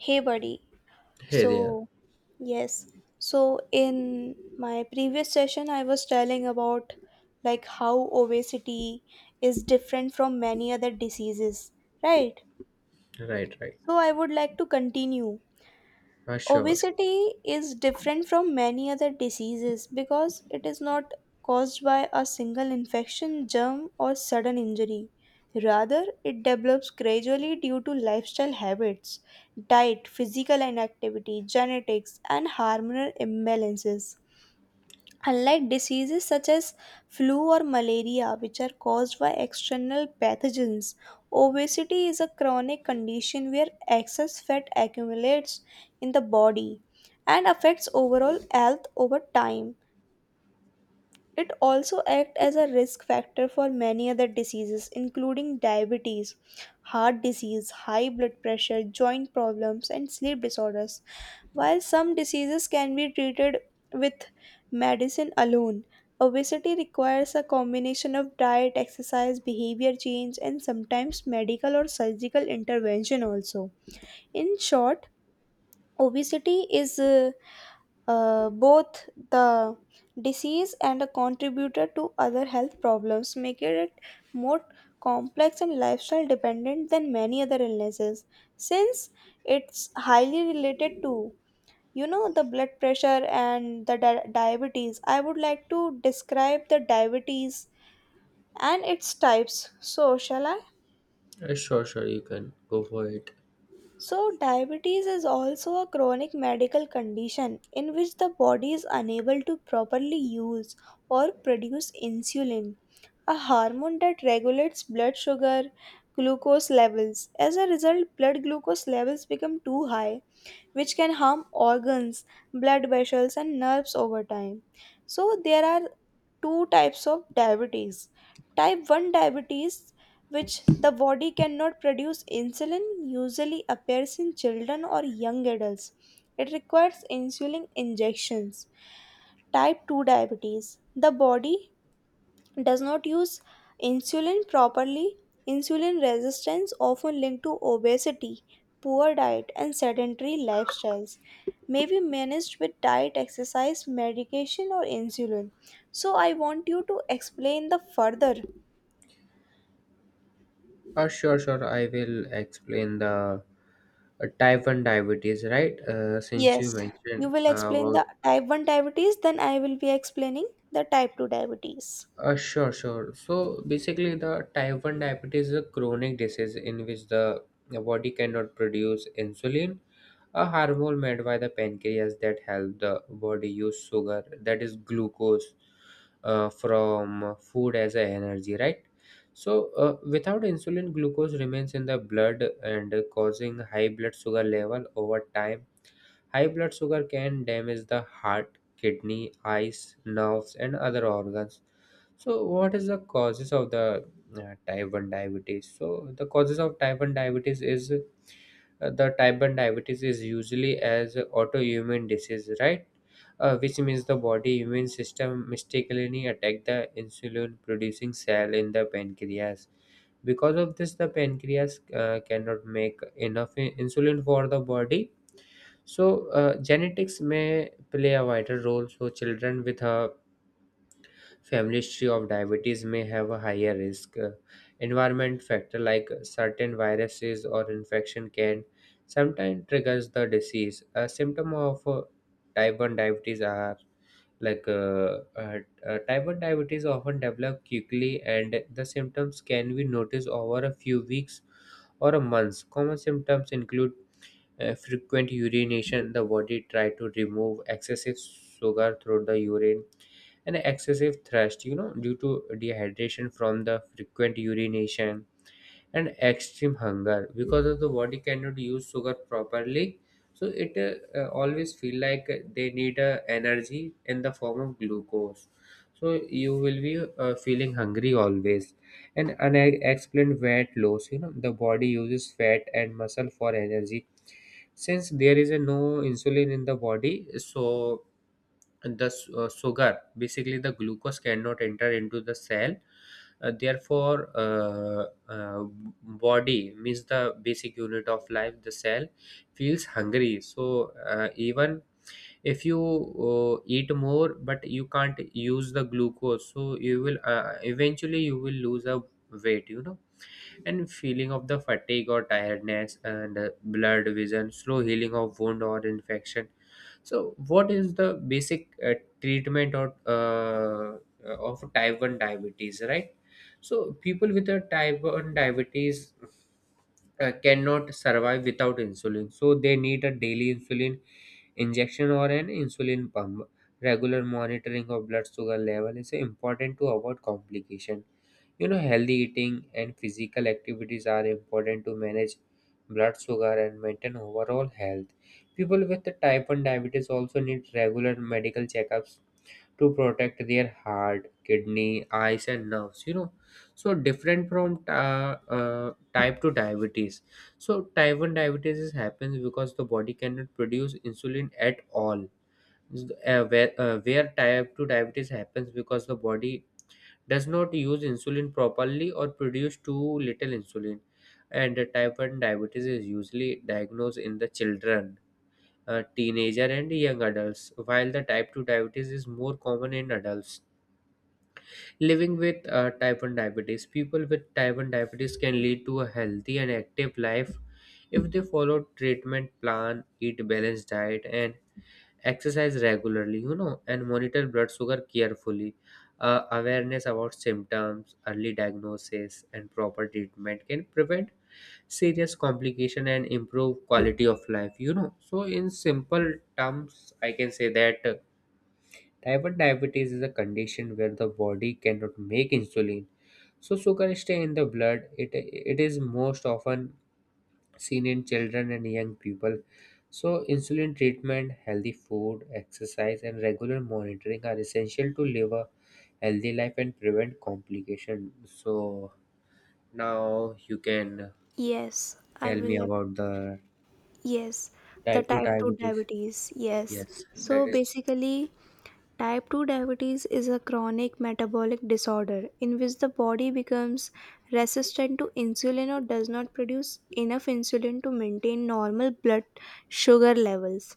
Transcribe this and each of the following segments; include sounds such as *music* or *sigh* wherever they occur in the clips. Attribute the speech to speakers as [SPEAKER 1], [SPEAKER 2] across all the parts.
[SPEAKER 1] Hey, buddy.
[SPEAKER 2] Hey there.
[SPEAKER 1] So, yes. So, in my previous session, I was telling about, like, how obesity is different from many other diseases, right?
[SPEAKER 2] Right, right.
[SPEAKER 1] So, I would like to continue.
[SPEAKER 2] Sure.
[SPEAKER 1] Obesity is different from many other diseases because it is not caused by a single infection, germ, or sudden injury. Rather, it develops gradually due to lifestyle habits, diet, physical inactivity, genetics, and hormonal imbalances. Unlike diseases such as flu or malaria, which are caused by external pathogens, obesity is a chronic condition where excess fat accumulates in the body and affects overall health over time. It also acts as a risk factor for many other diseases, including diabetes, heart disease, high blood pressure, joint problems, and sleep disorders. While some diseases can be treated with medicine alone, obesity requires a combination of diet, exercise, behavior change, and sometimes medical or surgical intervention also. In short, obesity is both the disease and a contributor to other health problems, making it more complex and lifestyle dependent than many other illnesses. Since it's highly related to the blood pressure and the diabetes, I would like to describe the diabetes and its types. So, shall I?
[SPEAKER 2] Sure, sure. You can go for it.
[SPEAKER 1] So, diabetes is also a chronic medical condition in which the body is unable to properly use or produce insulin, a hormone that regulates blood sugar glucose levels. As a result, blood glucose levels become too high, which can harm organs, blood vessels, and nerves over time. So, there are two types of diabetes. Type 1 diabetes, which the body cannot produce insulin, usually appears in children or young adults. It requires insulin injections. Type 2 diabetes, the body does not use insulin properly. Insulin resistance, often linked to obesity, poor diet, and sedentary lifestyles, may be managed with diet, exercise, medication, or insulin. So, I want you to explain the further.
[SPEAKER 2] Sure, sure. I will explain the type 1 diabetes, right? Since
[SPEAKER 1] Yes,
[SPEAKER 2] you
[SPEAKER 1] you
[SPEAKER 2] mentioned
[SPEAKER 1] will explain
[SPEAKER 2] about.
[SPEAKER 1] the type 1 diabetes, then I will be explaining the type 2 diabetes.
[SPEAKER 2] Sure, sure. So basically, the type 1 diabetes is a chronic disease in which the body cannot produce insulin, a hormone made by the pancreas that help the body use sugar, that is glucose, from food as a energy, right? So, without insulin, glucose remains in the blood and causing high blood sugar level over time. High blood sugar can damage the heart, kidney, eyes, nerves, and other organs. So, what is the causes of the type 1 diabetes? So, the causes of type 1 diabetes is the type 1 diabetes is usually as autoimmune disease, right? Which means the body immune system mistakenly attack the insulin producing cell in the pancreas. Because of this, the pancreas cannot make enough insulin for the body. So, genetics may play a vital role. So, children with a family history of diabetes may have a higher risk. Environment factor like certain viruses or infection can sometimes triggers the disease. A symptom of type 1 diabetes are like type 1 diabetes often develop quickly and the symptoms can be noticed over a few weeks or a months. Common symptoms include frequent urination, the body try to remove excessive sugar through the urine and excessive thirst, you know, due to dehydration from the frequent urination and extreme hunger because of the body cannot use sugar properly, so it always feel like they need energy in the form of glucose, so you will be feeling hungry always, and unexplained fat loss. You know, the body uses fat and muscle for energy since there is a no insulin in the body. So, and the sugar basically the glucose cannot enter into the cell. Therefore uh, body means the basic unit of life, the cell, feels hungry. So, even if you eat more but you can't use the glucose, so you will eventually you will lose a weight, you know. And feeling of the fatigue or tiredness and blurred vision, slow healing of wound or infection. So, what is the basic treatment or of type 1 diabetes, right? So, people with a type 1 diabetes cannot survive without insulin, so they need a daily insulin injection or an insulin pump. Regular monitoring of blood sugar level is important to avoid complication. You know, healthy eating and physical activities are important to manage blood sugar and maintain overall health. People with the type 1 diabetes also need regular medical checkups to protect their heart, kidney, eyes, and nerves. You know, so different from type 2 diabetes. So, type 1 diabetes is happens because the body cannot produce insulin at all. Where type 2 diabetes happens because the body does not use insulin properly or produce too little insulin. And type 1 diabetes is usually diagnosed in the children, teenager and young adults, while the type 2 diabetes is more common in adults. Living with type 1 diabetes, people with type 1 diabetes can lead to a healthy and active life if they follow treatment plan, eat balanced diet, and exercise regularly, you know, and monitor blood sugar carefully. Awareness about symptoms, early diagnosis and proper treatment can prevent serious complication and improve quality of life. You know, so in simple terms I can say that type 1 diabetes is a condition where the body cannot make insulin, so sugar stay in the blood. It is most often seen in children and young people. So, insulin treatment, healthy food, exercise, and regular monitoring are essential to live a healthy life and prevent complication. So, now you can
[SPEAKER 1] Yes, I
[SPEAKER 2] tell me
[SPEAKER 1] will.
[SPEAKER 2] about the
[SPEAKER 1] Yes, the
[SPEAKER 2] type 2
[SPEAKER 1] type 2
[SPEAKER 2] diabetes.
[SPEAKER 1] diabetes. Yes.
[SPEAKER 2] Yes,
[SPEAKER 1] So
[SPEAKER 2] that is
[SPEAKER 1] basically, type 2 diabetes is a chronic metabolic disorder in which the body becomes resistant to insulin or does not produce enough insulin to maintain normal blood sugar levels.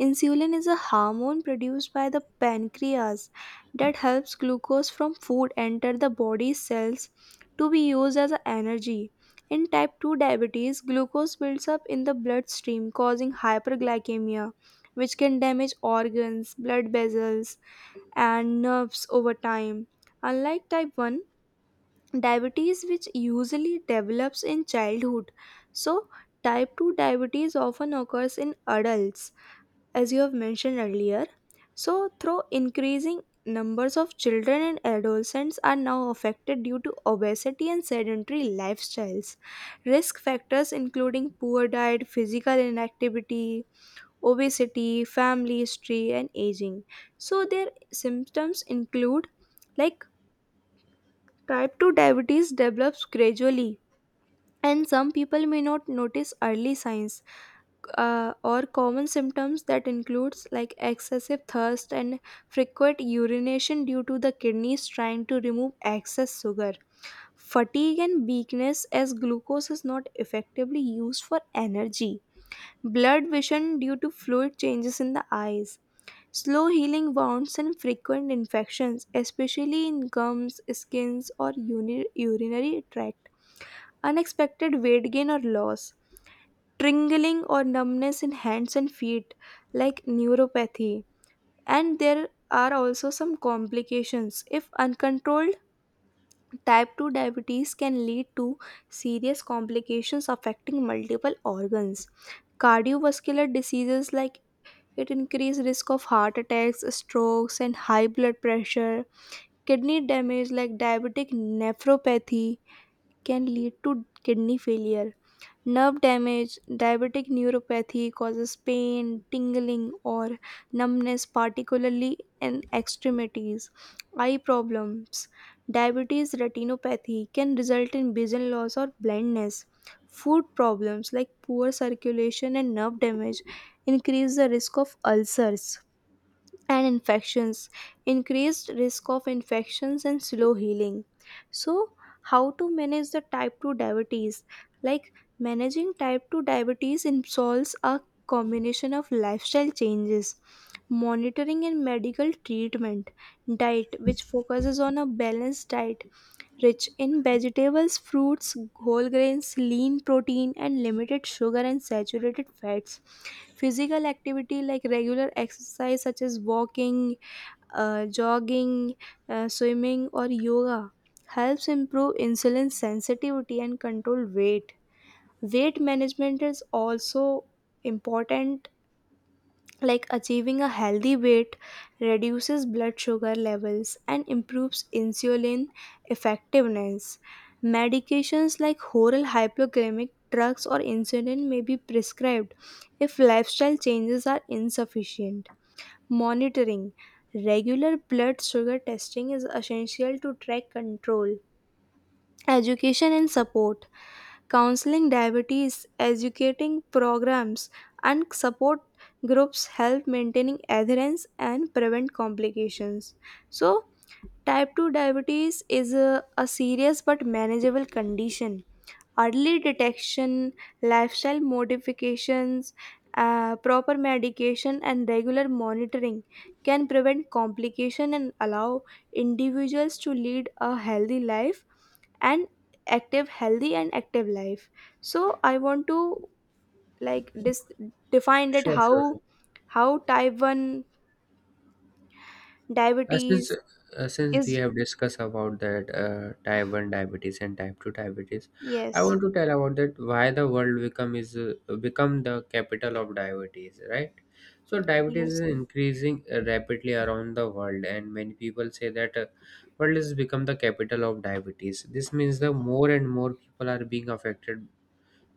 [SPEAKER 1] Insulin is a hormone produced by the pancreas that helps glucose from food enter the body's cells to be used as energy. In type 2 diabetes, glucose builds up in the bloodstream, causing hyperglycemia, which can damage organs, blood vessels, and nerves over time. Unlike type 1 diabetes, which usually develops in childhood, so type 2 diabetes often occurs in adults, as you have mentioned earlier. So, through increasing numbers of children and adolescents are now affected due to obesity and sedentary lifestyles, risk factors including poor diet, physical inactivity, obesity, family history, and aging. So, their symptoms include, like, type 2 diabetes develops gradually, and some people may not notice early signs, or common symptoms that includes, like, excessive thirst and frequent urination due to the kidneys trying to remove excess sugar, fatigue and weakness as glucose is not effectively used for energy, blood vision due to fluid changes in the eyes, slow healing wounds and frequent infections, especially in gums, skins, or urinary tract. Unexpected weight gain or loss, tingling or numbness in hands and feet, like neuropathy. And there are also some complications. If uncontrolled, type 2 diabetes can lead to serious complications affecting multiple organs. Cardiovascular diseases, like, it increases risk of heart attacks, strokes, and high blood pressure. Kidney damage like diabetic nephropathy can lead to kidney failure. Nerve damage, diabetic neuropathy causes pain, tingling, or numbness, particularly in extremities. Eye problems, diabetes retinopathy can result in vision loss or blindness. Food problems like poor circulation and nerve damage increase the risk of ulcers and infections, increased risk of infections and slow healing. So, how to manage the type 2 diabetes? Like, managing type 2 diabetes involves a combination of lifestyle changes, monitoring and medical treatment, diet which focuses on a balanced diet rich in vegetables, fruits, whole grains, lean protein and limited sugar and saturated fats, physical activity like regular exercise such as walking, jogging, swimming, or yoga helps improve insulin sensitivity and control weight. Weight management is also important, like achieving a healthy weight reduces blood sugar levels and improves insulin effectiveness. Medications like oral hypoglycemic drugs or insulin may be prescribed if lifestyle changes are insufficient. Monitoring. Regular blood sugar testing is essential to track control. Education and support. Counseling diabetes, educating programs, and support groups help maintaining adherence and prevent complications. So, type 2 diabetes is a serious but manageable condition. Early detection, lifestyle modifications, proper medication, and regular monitoring can prevent complication and allow individuals to lead a healthy life and active healthy and active life. So I want to, like, define that
[SPEAKER 2] sure, sure,
[SPEAKER 1] how
[SPEAKER 2] sure.
[SPEAKER 1] how type 1
[SPEAKER 2] Uh, since
[SPEAKER 1] diabetes
[SPEAKER 2] uh, since we
[SPEAKER 1] is.
[SPEAKER 2] have discussed about that type 1 diabetes and type 2 diabetes, I
[SPEAKER 1] Yes,
[SPEAKER 2] want to tell about that why the world become is become the capital of diabetes, right? So diabetes
[SPEAKER 1] yes,
[SPEAKER 2] is increasing rapidly around the world, and many people say that world has become the capital of diabetes. This means the more and more people are being affected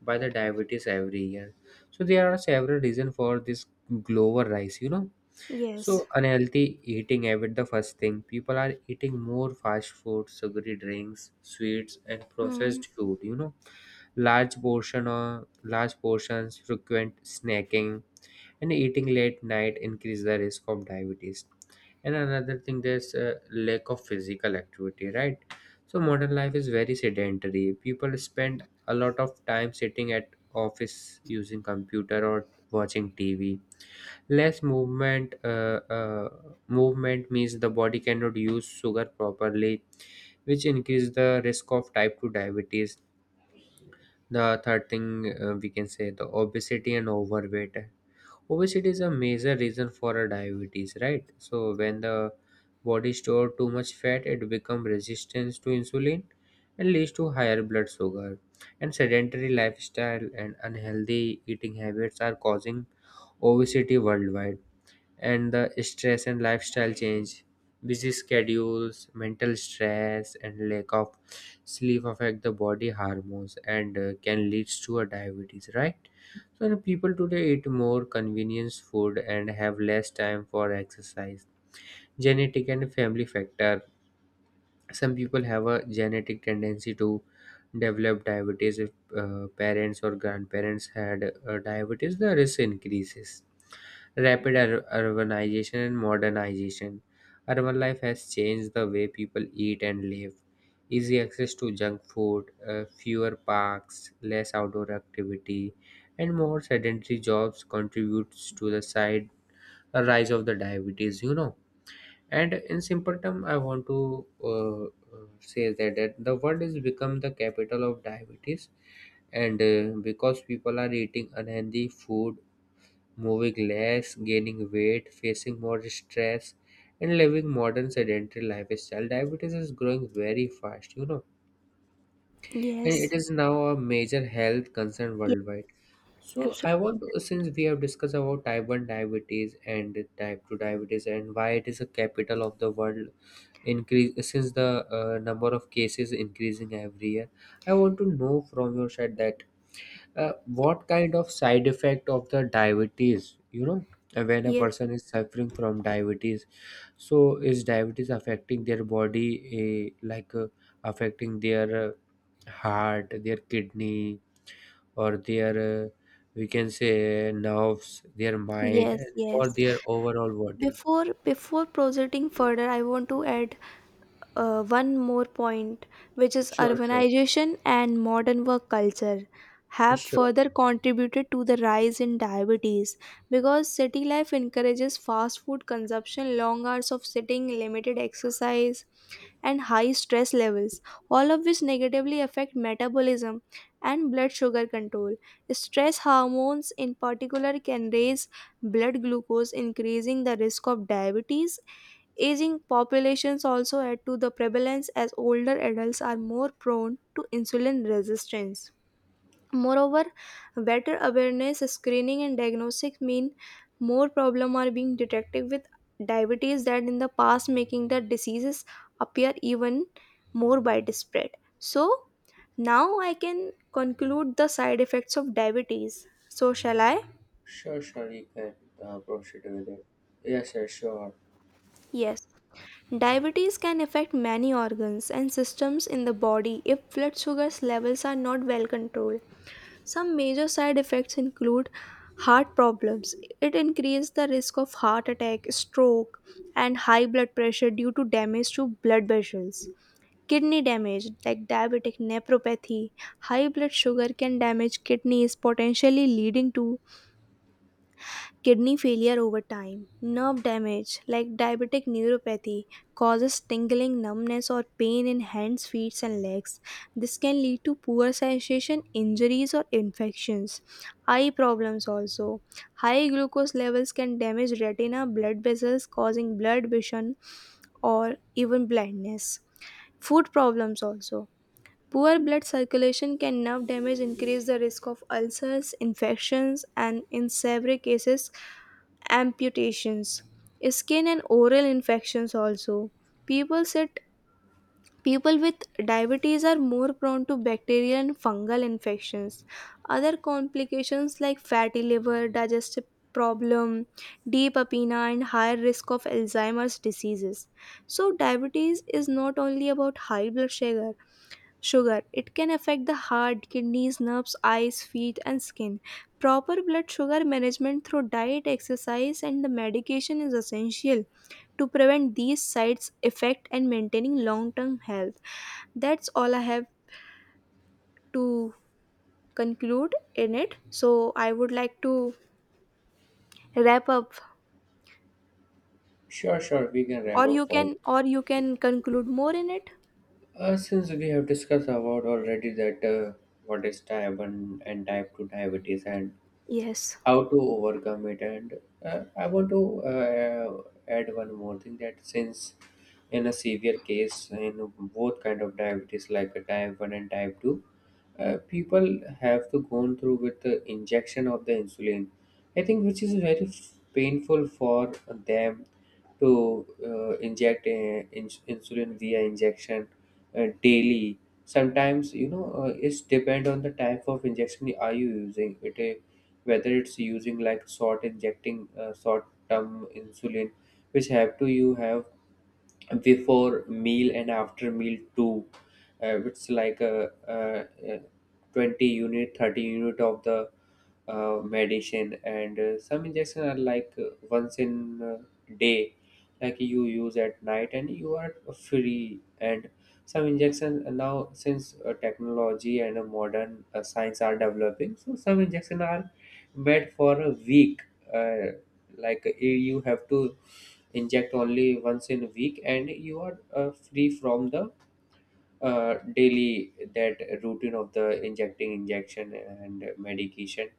[SPEAKER 2] by the diabetes every year. So there are several reasons for this global rise, you know.
[SPEAKER 1] yes.
[SPEAKER 2] So unhealthy eating habit the first thing, people are eating more fast food, sugary drinks, sweets and
[SPEAKER 1] Mm.
[SPEAKER 2] processed food, you know. Large portion or large portions, frequent snacking and eating late night increase the risk of diabetes. And another thing, there's a lack of physical activity, right? So modern life is very sedentary. People spend a lot of time sitting at office using computer or watching TV. Less movement, movement means the body cannot use sugar properly, which increase the risk of type 2 diabetes. The third thing, we can say the obesity and overweight. Obesity is a major reason for a diabetes, right? So when the body store too much fat, it become resistance to insulin and leads to higher blood sugar. And sedentary lifestyle and unhealthy eating habits are causing obesity worldwide. And the stress and lifestyle change, busy schedules, mental stress and lack of sleep affect the body hormones and can lead to a diabetes, right? So the people today eat more convenience food and have less time for exercise. Genetic and family factor, some people have a genetic tendency to develop diabetes. If parents or grandparents had diabetes, the risk increases. Rapid urbanization and modernization. Urban life has changed the way people eat and live. Easy access to junk food, fewer parks, less outdoor activity, and more sedentary jobs contributes to the side a rise of the diabetes. You know, and in simple term, I want to say that, that the world has become the capital of diabetes, and because people are eating unhealthy food, moving less, gaining weight, facing more stress, and living modern sedentary lifestyle. Diabetes is growing very fast, you know, and it
[SPEAKER 1] Yes,
[SPEAKER 2] is now a major health concern
[SPEAKER 1] yes.
[SPEAKER 2] worldwide. So I
[SPEAKER 1] Absolutely.
[SPEAKER 2] want to, since we have discussed about type 1 diabetes and type 2 diabetes and why it is a capital of the world increase since the number of cases increasing every year, I want to know from your side that what kind of side effect of the diabetes? You know, when a
[SPEAKER 1] Yes,
[SPEAKER 2] person is suffering from diabetes, so is diabetes affecting their body, like affecting their heart, their kidney, or their, we can say, nerves, their mind,
[SPEAKER 1] yes,
[SPEAKER 2] and or
[SPEAKER 1] yes.
[SPEAKER 2] their overall body?
[SPEAKER 1] Before proceeding further, I want to add one more point, which is
[SPEAKER 2] Sure, sure,
[SPEAKER 1] urbanization and modern work culture, have
[SPEAKER 2] sure,
[SPEAKER 1] further contributed to the rise in diabetes because city life encourages fast food consumption, long hours of sitting, limited exercise, and high stress levels, all of which negatively affect metabolism and blood sugar control. Stress hormones, in particular, can raise blood glucose, increasing the risk of diabetes. Aging populations also add to the prevalence as older adults are more prone to insulin resistance. Moreover, better awareness, screening, and diagnostics mean more problems are being detected with diabetes that in the past, making the diseases appear even more widespread. So now I can conclude the side effects of diabetes. So shall I?
[SPEAKER 2] sure, sure. You can proceed with it. Yes, sir, sure,
[SPEAKER 1] Yes. Diabetes can affect many organs and systems in the body if blood sugar levels are not well controlled. Some major side effects include heart problems. It increases the risk of heart attack, stroke, and high blood pressure due to damage to blood vessels. Kidney damage like diabetic nephropathy, high blood sugar can damage kidneys, potentially leading to kidney failure over time. Nerve damage like diabetic neuropathy causes tingling, numbness, or pain in hands, feet, and legs. This can lead to poor sensation, injuries, or infections. Eye problems also. High glucose levels can damage retina, blood vessels, causing blood vision or even blindness. Food problems also. Poor blood circulation can nerve damage, increase the risk of ulcers, infections, and in severe cases, amputations. Skin and oral infections also. People sit People with diabetes are more prone to bacterial and fungal infections. Other complications like fatty liver, digestive problem, deep apnea, and higher risk of Alzheimer's diseases. So diabetes is not only about high blood sugar. It can affect the heart, kidneys, nerves, eyes, feet, and skin. Proper blood sugar management through diet, exercise, and the medication is essential to prevent these sides effect and maintaining long-term health. That's all I have to conclude in it. So I would like to wrap up,
[SPEAKER 2] sure, sure. We can
[SPEAKER 1] or
[SPEAKER 2] wrap
[SPEAKER 1] you
[SPEAKER 2] up for.
[SPEAKER 1] can, or you can conclude more in it.
[SPEAKER 2] Since we have discussed about already that what is type 1 and type 2 diabetes and
[SPEAKER 1] Yes.
[SPEAKER 2] how to overcome it, and I want to uh, add one more thing that since in a severe case in both kind of diabetes like a type 1 and type 2, people have to go through with the injection of the insulin. I think which is very painful for them to inject insulin via injection daily. Sometimes, you know, it's depend on the type of injection are you using it, whether it's using like salt injecting salt term insulin, which have to you have before meal and after meal too. It's like a, 20 unit, 30 unit of the medicine. And some injection are like once in day, like you use at night and you are free. And some injection, now since technology and modern science are developing, so some injection are bed for a week. Uh, like, you have to inject only once in a week, and you are free from the daily that routine of the injecting injection and medication.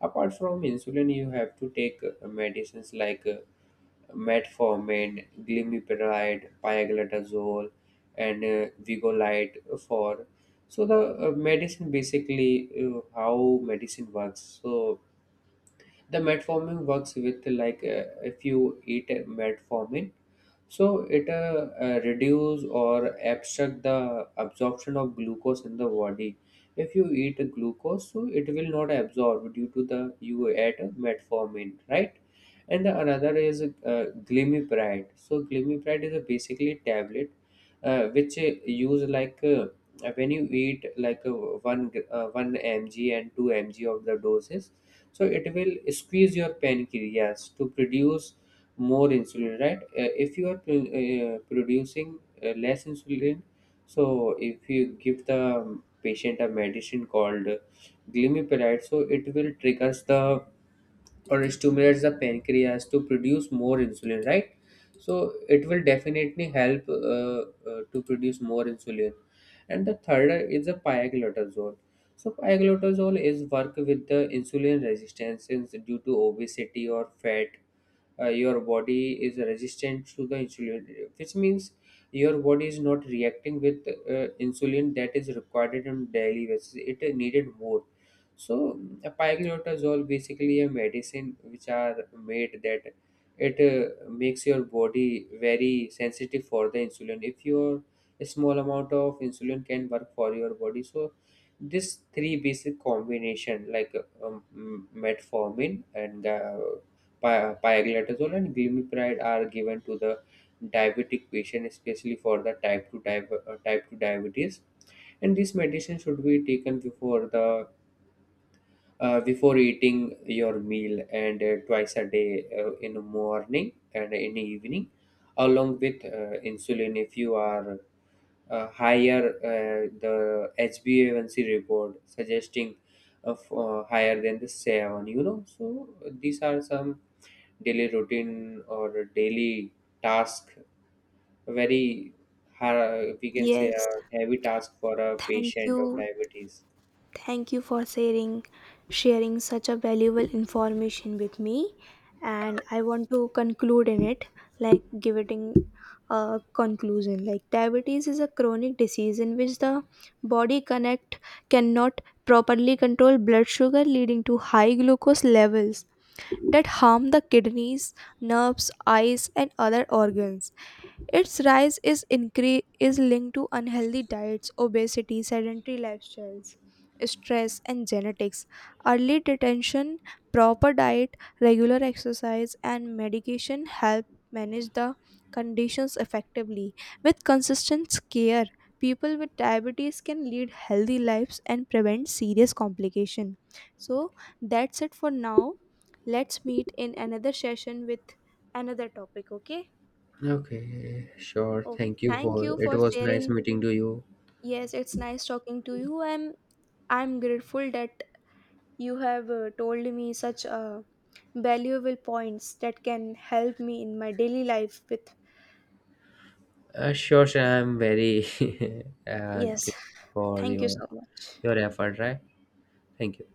[SPEAKER 2] Apart from insulin, you have to take medicines like metformin, glimepiride, pioglitazole, and vigolite for. So the medicine basically how medicine works. So the metformin works with like if you eat a metformin, so it reduce or abstract the absorption of glucose in the body. If you eat glucose, so it will not absorb due to the you add metformin, right? And the another is glimepiride. So glimepiride is a basically tablet which use like when you eat like 1 1 mg and 2 mg of the doses, so it will squeeze your pancreas to produce more insulin, right? If you are producing less insulin, so if you give the patient a medicine called glimepiride, so it will triggers the or stimulates the pancreas to produce more insulin, right? So it will definitely help to produce more insulin. And the third is the pioglitazole. So pioglitazole is work with the insulin resistance, since due to obesity or fat, your body is resistant to the insulin, which means your body is not reacting with insulin that is required on daily basis. It needed more. So pioglitazole basically a medicine which are made that it makes your body very sensitive for the insulin. If your a small amount of insulin can work for your body, so this three basic combination like metformin and pioglitazole and glimepiride are given to the diabetic patient, especially for the type 2 diabetes. And this medicine should be taken before the before eating your meal and twice a day, in the morning and in the evening along with insulin. If you are higher the HbA1c report suggesting of higher than the 7, you know. So these are some daily routine or daily task, very har we can say
[SPEAKER 1] Yes.
[SPEAKER 2] a heavy task for a
[SPEAKER 1] Thank
[SPEAKER 2] patient of
[SPEAKER 1] you.
[SPEAKER 2] diabetes.
[SPEAKER 1] Thank you for sharing such a valuable information with me, and I want to conclude in it like giving a conclusion like diabetes is a chronic disease in which the body connect cannot properly control blood sugar, leading to high glucose levels that harm the kidneys, nerves, eyes, and other organs. Its rise is linked to unhealthy diets, obesity, sedentary lifestyles, stress, and genetics. Early detention, proper diet, regular exercise, and medication help manage the conditions effectively. With consistent care, people with diabetes can lead healthy lives and prevent serious complication. So that's it for now. Let's meet in another session with another topic, okay?
[SPEAKER 2] Okay, sure.
[SPEAKER 1] Okay,
[SPEAKER 2] Thank you
[SPEAKER 1] thank
[SPEAKER 2] for
[SPEAKER 1] you
[SPEAKER 2] it
[SPEAKER 1] for
[SPEAKER 2] was nice
[SPEAKER 1] sharing.
[SPEAKER 2] meeting to you.
[SPEAKER 1] Yes, it's nice talking to you. I'm grateful that you have told me such valuable points that can help me in my daily life with.
[SPEAKER 2] Sure, sure. I'm very *laughs*
[SPEAKER 1] Yes.
[SPEAKER 2] grateful for
[SPEAKER 1] Thank you
[SPEAKER 2] your
[SPEAKER 1] so much.
[SPEAKER 2] your effort, right? Thank you.